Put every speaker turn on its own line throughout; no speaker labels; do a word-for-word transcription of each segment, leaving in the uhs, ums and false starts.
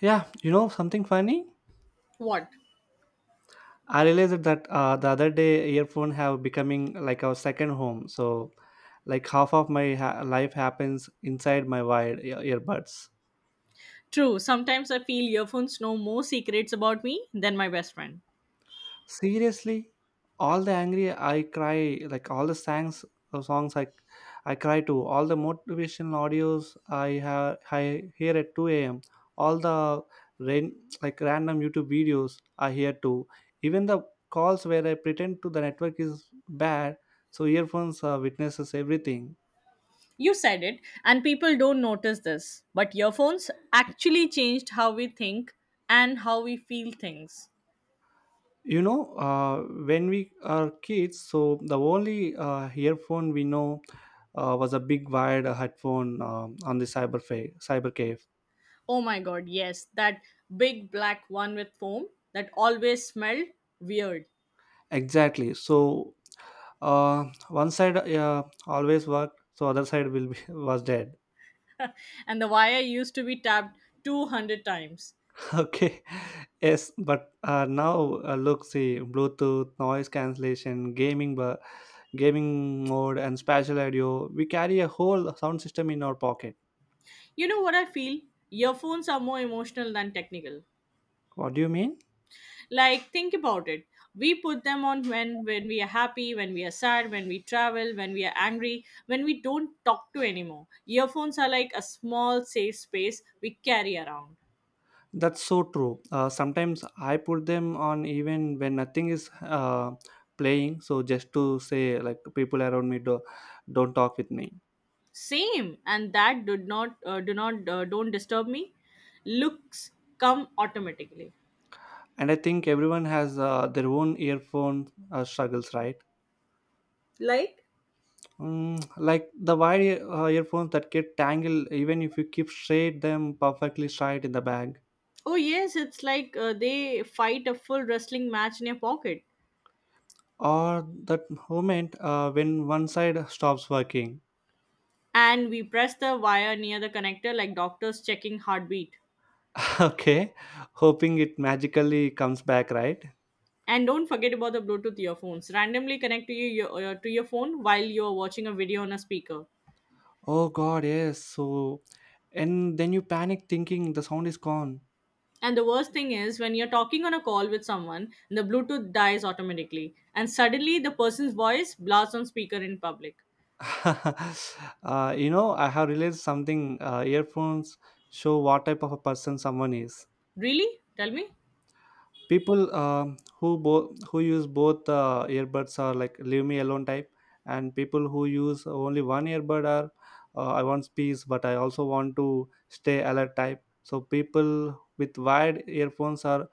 Yeah, you know something funny?
What?
I realized that uh, the other day earphone have becoming like our second home. So like half of my ha- life happens inside my wired ear- earbuds.
True, sometimes I feel earphones know more secrets about me than my best friend.
Seriously, all the angry I cry, like all the songs, uh, songs i I cry to, all the motivational audios I have I hear at two a.m, all the rain, like random youtube videos I hear too, even the calls where I pretend to the network is bad. So earphones uh, witnesses everything.
You said it, and people don't notice this, but earphones actually changed how we think and how we feel things.
you know uh, when we are kids, so the only uh, earphone we know uh, was a big wired headphone um, on the cyber fa- cyber cave.
Oh my god, yes, that big black one with foam that always smelled weird.
Exactly. So uh, one side uh, always worked, so other side will be was dead.
And the wire used to be tapped two hundred times.
Okay. Yes, but uh, now uh, look, see Bluetooth, noise cancellation, gaming, bu- gaming mode, and spatial audio. We carry a whole sound system in our pocket.
You know what I feel? Earphones are more emotional than technical.
What do you mean?
Like think about it, we put them on when when we are happy, when we are sad, when we travel, when we are angry, when we don't talk to anymore. Earphones are like a small safe space we carry around.
That's so true. Uh, sometimes I put them on even when nothing is uh, playing, so just to say like people around me do, don't talk with me.
Same, and that do not, uh, do not uh, don't disturb me looks come automatically.
And I think everyone has uh, their own earphone uh, struggles, right?
Like
Mm, like the wired ear- uh, earphones that get tangled even if you keep straight them perfectly straight in the bag,
oh yes, it's like uh, they fight a full wrestling match in your pocket.
or that moment uh, when one side stops working.
And we press the wire near the connector like doctors checking heartbeat.
Okay, hoping it magically comes back, right?
And don't forget about the Bluetooth earphones. Randomly connect to your, your uh, to your phone while you're watching a video on a speaker.
Oh god, yes. So, and then you panic thinking the sound is gone.
And the worst thing is when you're talking on a call with someone, the Bluetooth dies automatically, and suddenly the person's voice blasts on speaker in public.
uh, you know I have realized something. Uh, earphones show what type of a person someone is.
Really? Tell me.
People um, who both who use both uh, earbuds are like leave me alone type, and people who use only one earbud are uh, I want peace but I also want to stay alert type. So people with wired earphones are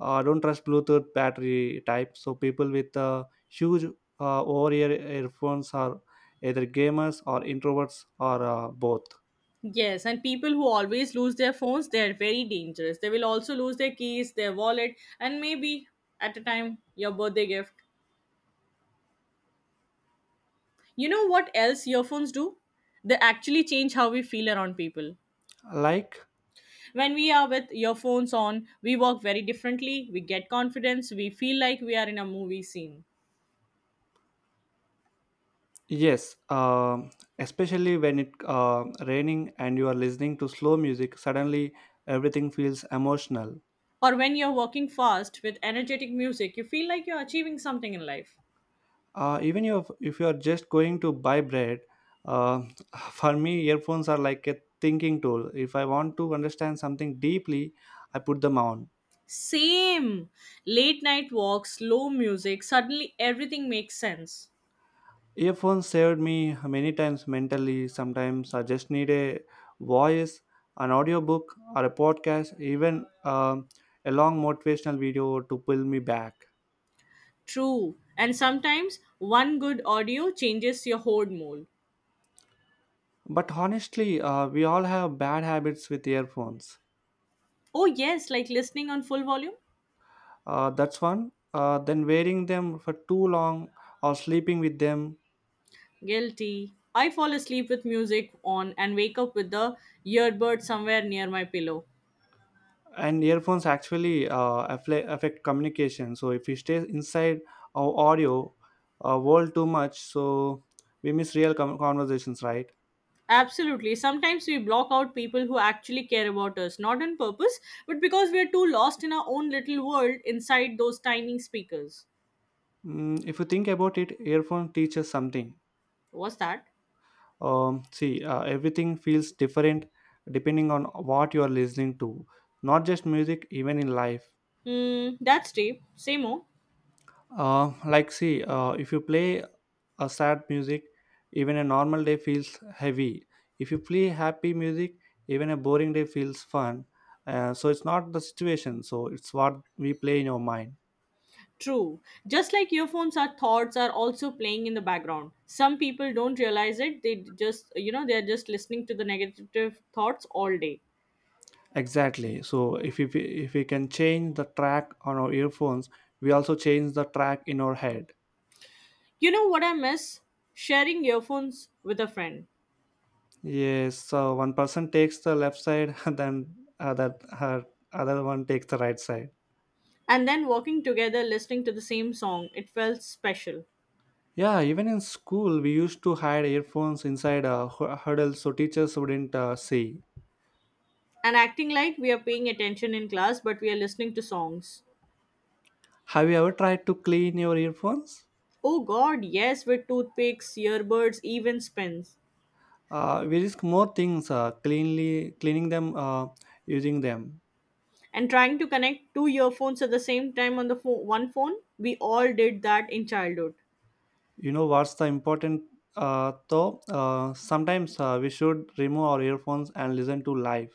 uh, don't trust bluetooth battery type. So people with uh, huge uh, over ear earphones are either gamers or introverts or uh, both.
Yes, and people who always lose their phones, they are very dangerous. They will also lose their keys, their wallet, and maybe at a time your birthday gift. You know what else earphones do? They actually change how we feel around people.
Like,
When we are with earphones on, we work very differently, we get confidence, we feel like we are in a movie scene.
yes, um, especially when it uh, raining and you are listening to slow music, suddenly everything feels emotional.
Or when you're working fast with energetic music, you feel like you're achieving something in life.
Uh, even if if you are just going to buy bread, uh, for me earphones are like a thinking tool. If I want to understand something deeply, I put them on.
Same. Late night walks, slow music, suddenly everything makes sense.
Earphones saved me many times mentally. Sometimes I just need a voice, an audiobook, or a podcast, even um a long motivational video to pull me back.
True. And sometimes one good audio changes your whole mood.
But honestly, uh, we all have bad habits with earphones.
Oh, yes, like listening on full volume?
Uh, that's one. Uh, then wearing them for too long or sleeping with them.
Guilty. I fall asleep with music on and wake up with the earbud somewhere near my pillow.
And earphones actually uh, affle- affect communication. So if we stay inside our audio uh, world too much, so we miss real com- conversations, right?
Absolutely. Sometimes we block out people who actually care about us, not on purpose, but because we're too lost in our own little world inside those tiny speakers.
Mm, if you think about it, earphone teaches something.
What's that?
Um, see, uh, everything feels different depending on what you are listening to. Not just music, even in life.
Hmm, that's deep. Say more.
Uh, like, see, uh, if you play a sad music, even a normal day feels heavy. If you play happy music, even a boring day feels fun. Uh, so it's not the situation. So it's what we play in our mind.
True. Just like earphones, our thoughts are also playing in the background. Some people don't realize it. They just, you know, they're just listening to the negative thoughts all day.
Exactly. So if we, if we can change the track on our earphones, we also change the track in our head.
You know what I miss? Sharing earphones with a friend.
Yes. So one person takes the left side, and then other her other one takes the right side.
And then walking together listening to the same song. It felt special.
Yeah, even in school, we used to hide earphones inside a hu- huddle so teachers wouldn't uh, see.
And acting like we are paying attention in class, but we are listening to songs.
Have you ever tried to clean your earphones?
Oh god, yes, with toothpicks, earbuds, even spins.
Uh, we risk more things uh, cleanly cleaning them uh, using them.
And trying to connect two earphones at the same time on the pho- one phone, we all did that in childhood.
You know what's the important uh, though? Uh, sometimes uh, we should remove our earphones and listen to live.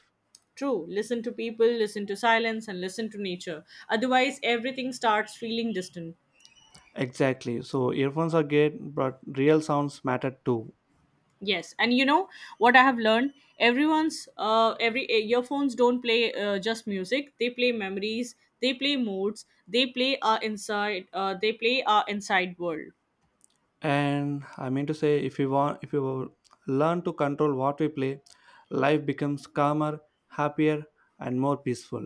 True, listen to people, listen to silence, and listen to nature. Otherwise, everything starts feeling distant.
Exactly. So earphones are great, but real sounds matter too.
Yes, and you know what I have learned? Everyone's uh, every eh, earphones don't play uh, just music. They play memories. They play moods. They play our inside. Uh, they play our inside world.
And I mean to say, if you want if you learn to control what we play, life becomes calmer, happier, and more peaceful.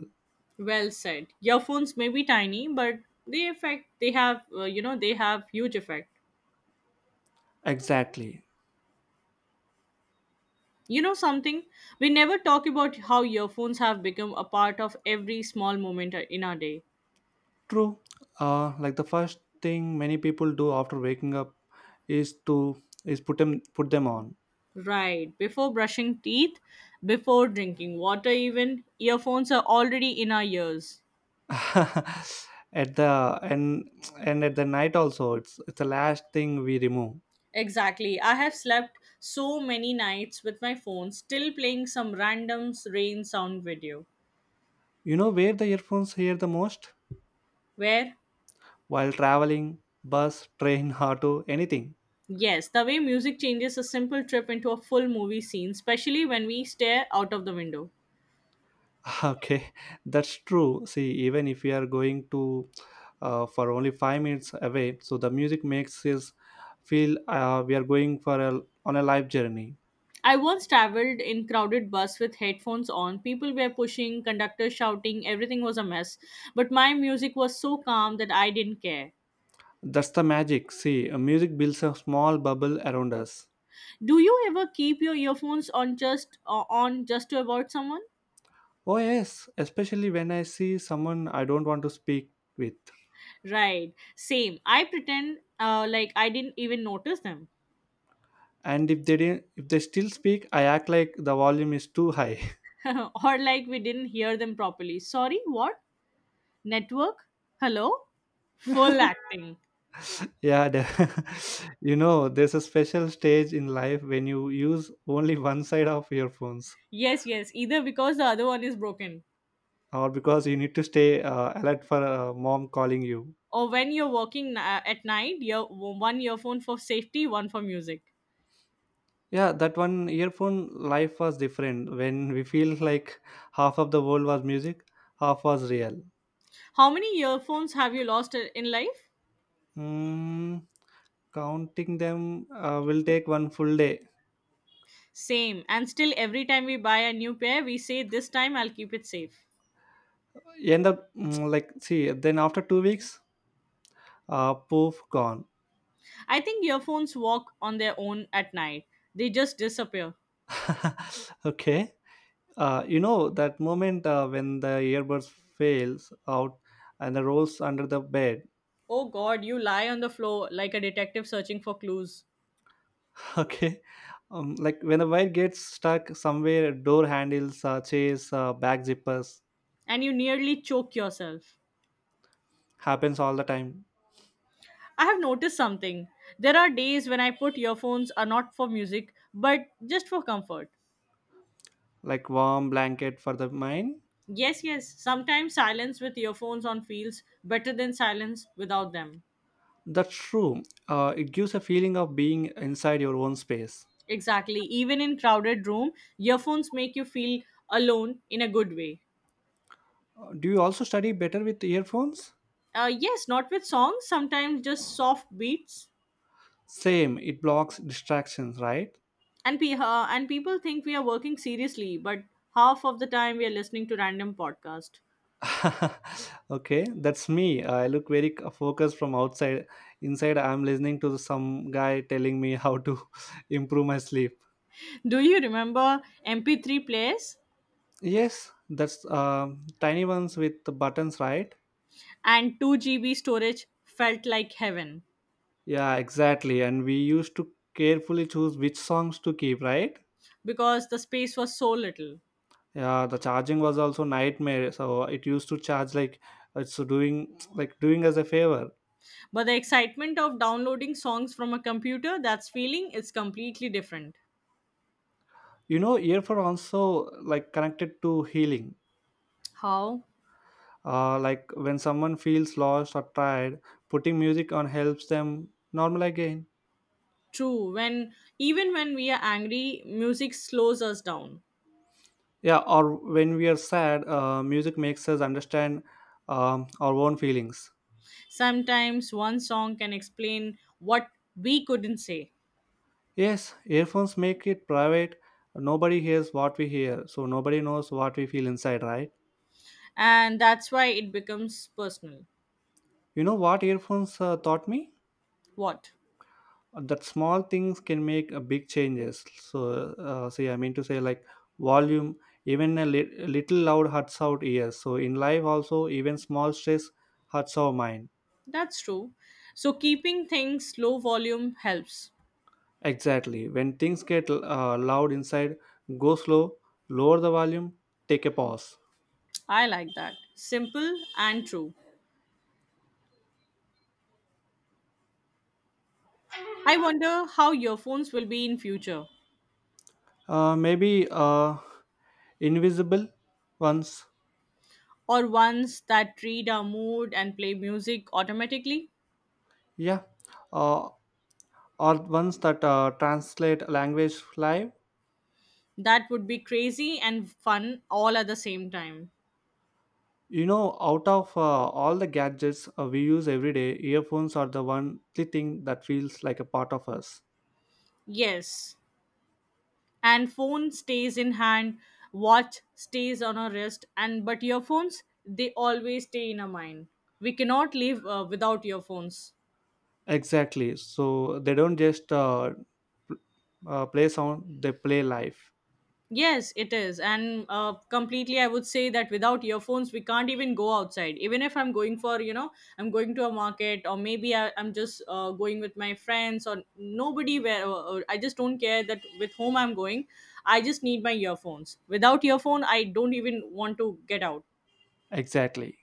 Well said. Earphones may be tiny, but they affect. They have uh, you know, they have huge effect.
Exactly.
You know something? We never talk about how earphones have become a part of every small moment in our day.
True. Uh, like the first thing many people do after waking up is to is put them put them on.
Right. Before brushing teeth, before drinking water, even, earphones are already in our ears.
At the, and and at the night also, it's it's the last thing we remove.
Exactly. I have slept so many nights with my phone still playing some random rain sound video.
You know where the earphones hear the most?
Where,
While traveling, bus, train, auto, anything.
yes, the way music changes a simple trip into a full movie scene, especially when we stare out of the window.
Okay, that's true. See, even if we are going to uh, for only five minutes away, so the music makes us feel uh, we are going for a on a life journey.
I once traveled in crowded bus with headphones on. People were pushing, conductor shouting, everything was a mess. But my music was so calm that I didn't care.
That's the magic. See, uh, music builds a small bubble around us.
Do you ever keep your earphones on just uh, on just to avoid someone?
Oh yes, especially when I see someone I don't want to speak with,
Right, same, I pretend uh, like I didn't even notice them.
and if they didn't, if they still speak, I act like the volume is too high.
or like we didn't hear them properly. Sorry, what? Network. Hello. Full acting.
yeah, the- you know, there's a special stage in life when you use only one side of earphones,
Yes, yes, either because the other one is broken,
or because you need to stay uh, alert for uh, mom calling you.
or when you're working uh, at night, you one earphone for safety, one for music.
Yeah, that one earphone life was different when we feel like half of the world was music, half was real.
How many earphones have you lost uh, in life?
Mm, counting them uh, will take one full day.
Same, and still every time we buy a new pair we say this time I'll keep it safe.
End up mm, like see then after two weeks uh, poof gone.
I think earphones walk on their own at night. They just disappear.
Okay. Uh, you know that moment uh, when the earbuds fails out and the rolls under the bed.
Oh god, you lie on the floor like a detective searching for clues,
Okay. Um, like when a wire gets stuck somewhere, door handles, uh, chairs, uh, back zippers,
and you nearly choke yourself.
happens all the time.
I have noticed something. There are days when I put earphones are not for music, but just for comfort.
Like warm blanket for the mind.
Yes, yes, sometimes silence with earphones on feels better than silence without them.
That's true. Uh, it gives a feeling of being inside your own space.
Exactly. Even in crowded room, earphones make you feel alone in a good way.
Uh, Do you also study better with earphones?
Uh, yes, not with songs, sometimes just soft beats.
Same. It blocks distractions, right?
And pe- uh, and people think we are working seriously, but half of the time we are listening to random podcast.
Okay, that's me. I look very c- focused from outside. Inside, I'm listening to some guy telling me how to improve my sleep.
Do you remember M P three players?
Yes, that's um tiny ones with the buttons, right?
And two G B storage felt like heaven
Yeah, exactly. And we used to carefully choose which songs to keep, right?
because the space was so little.
Yeah, the charging was also nightmare. So it used to charge like it's doing like doing us a favor.
But the excitement of downloading songs from a computer, that's feeling is completely different.
You know, earphone also like connected to healing.
How?
Uh, like when someone feels lost or tired, putting music on helps them normal again.
True. When, even when we are angry, music slows us down.
Yeah, or when we are sad, uh, music makes us understand um, our own feelings.
Sometimes one song can explain what we couldn't say.
Yes, earphones make it private. Nobody hears what we hear, so nobody knows what we feel inside, right?
And that's why it becomes personal.
You know what earphones uh, taught me?
What?
That small things can make a big changes. So, uh, see, I mean to say, like volume, even a li- little loud hurts out ears. So, in life, also, even small stress hurts our mind.
That's true. So keeping things low volume helps.
Exactly. When things get uh, loud inside, go slow, lower the volume, take a pause.
I like that. Simple and true. I wonder how earphones will be in future.
Uh, maybe uh, invisible ones.
Or ones that read our mood and play music automatically.
Yeah, uh, or ones that uh, translate language live.
That would be crazy and fun all at the same time.
You know, out of uh, all the gadgets uh, we use every day, earphones are the one the thing that feels like a part of us.
Yes, and phone stays in hand, watch stays on our wrist, and but earphones they always stay in our mind. We cannot live uh, without earphones.
Exactly. So they don't just uh, pl- uh, play sound; they play life.
Yes it is, and uh, completely, I would say that without earphones we can't even go outside, even if I'm going for you know I'm going to a market, or maybe I, I'm just uh, going with my friends, or nobody, where uh, I just don't care that with whom I'm going. I just need my earphones. Without earphone I don't even want to get out.
Exactly.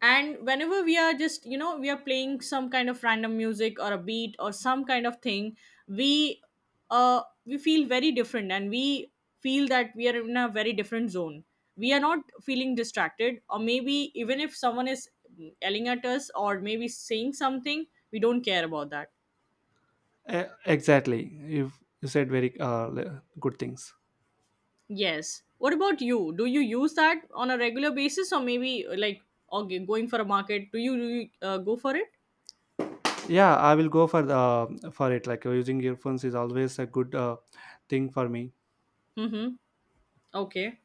And whenever we are just, you know, we are playing some kind of random music or a beat or some kind of thing, we uh we feel very different, and we feel that we are in a very different zone. We are not feeling distracted, or maybe even if someone is yelling at us or maybe saying something, we don't care about that.
E- exactly. You you said very uh, le- good things.
Yes, what about you? Do you use that on a regular basis, or maybe like, or g- going for a market, do you, do you uh, go for it?
Yeah, I will go for the for it. Like uh, using earphones is always a good uh, thing for me.
Mm-hmm. Okay.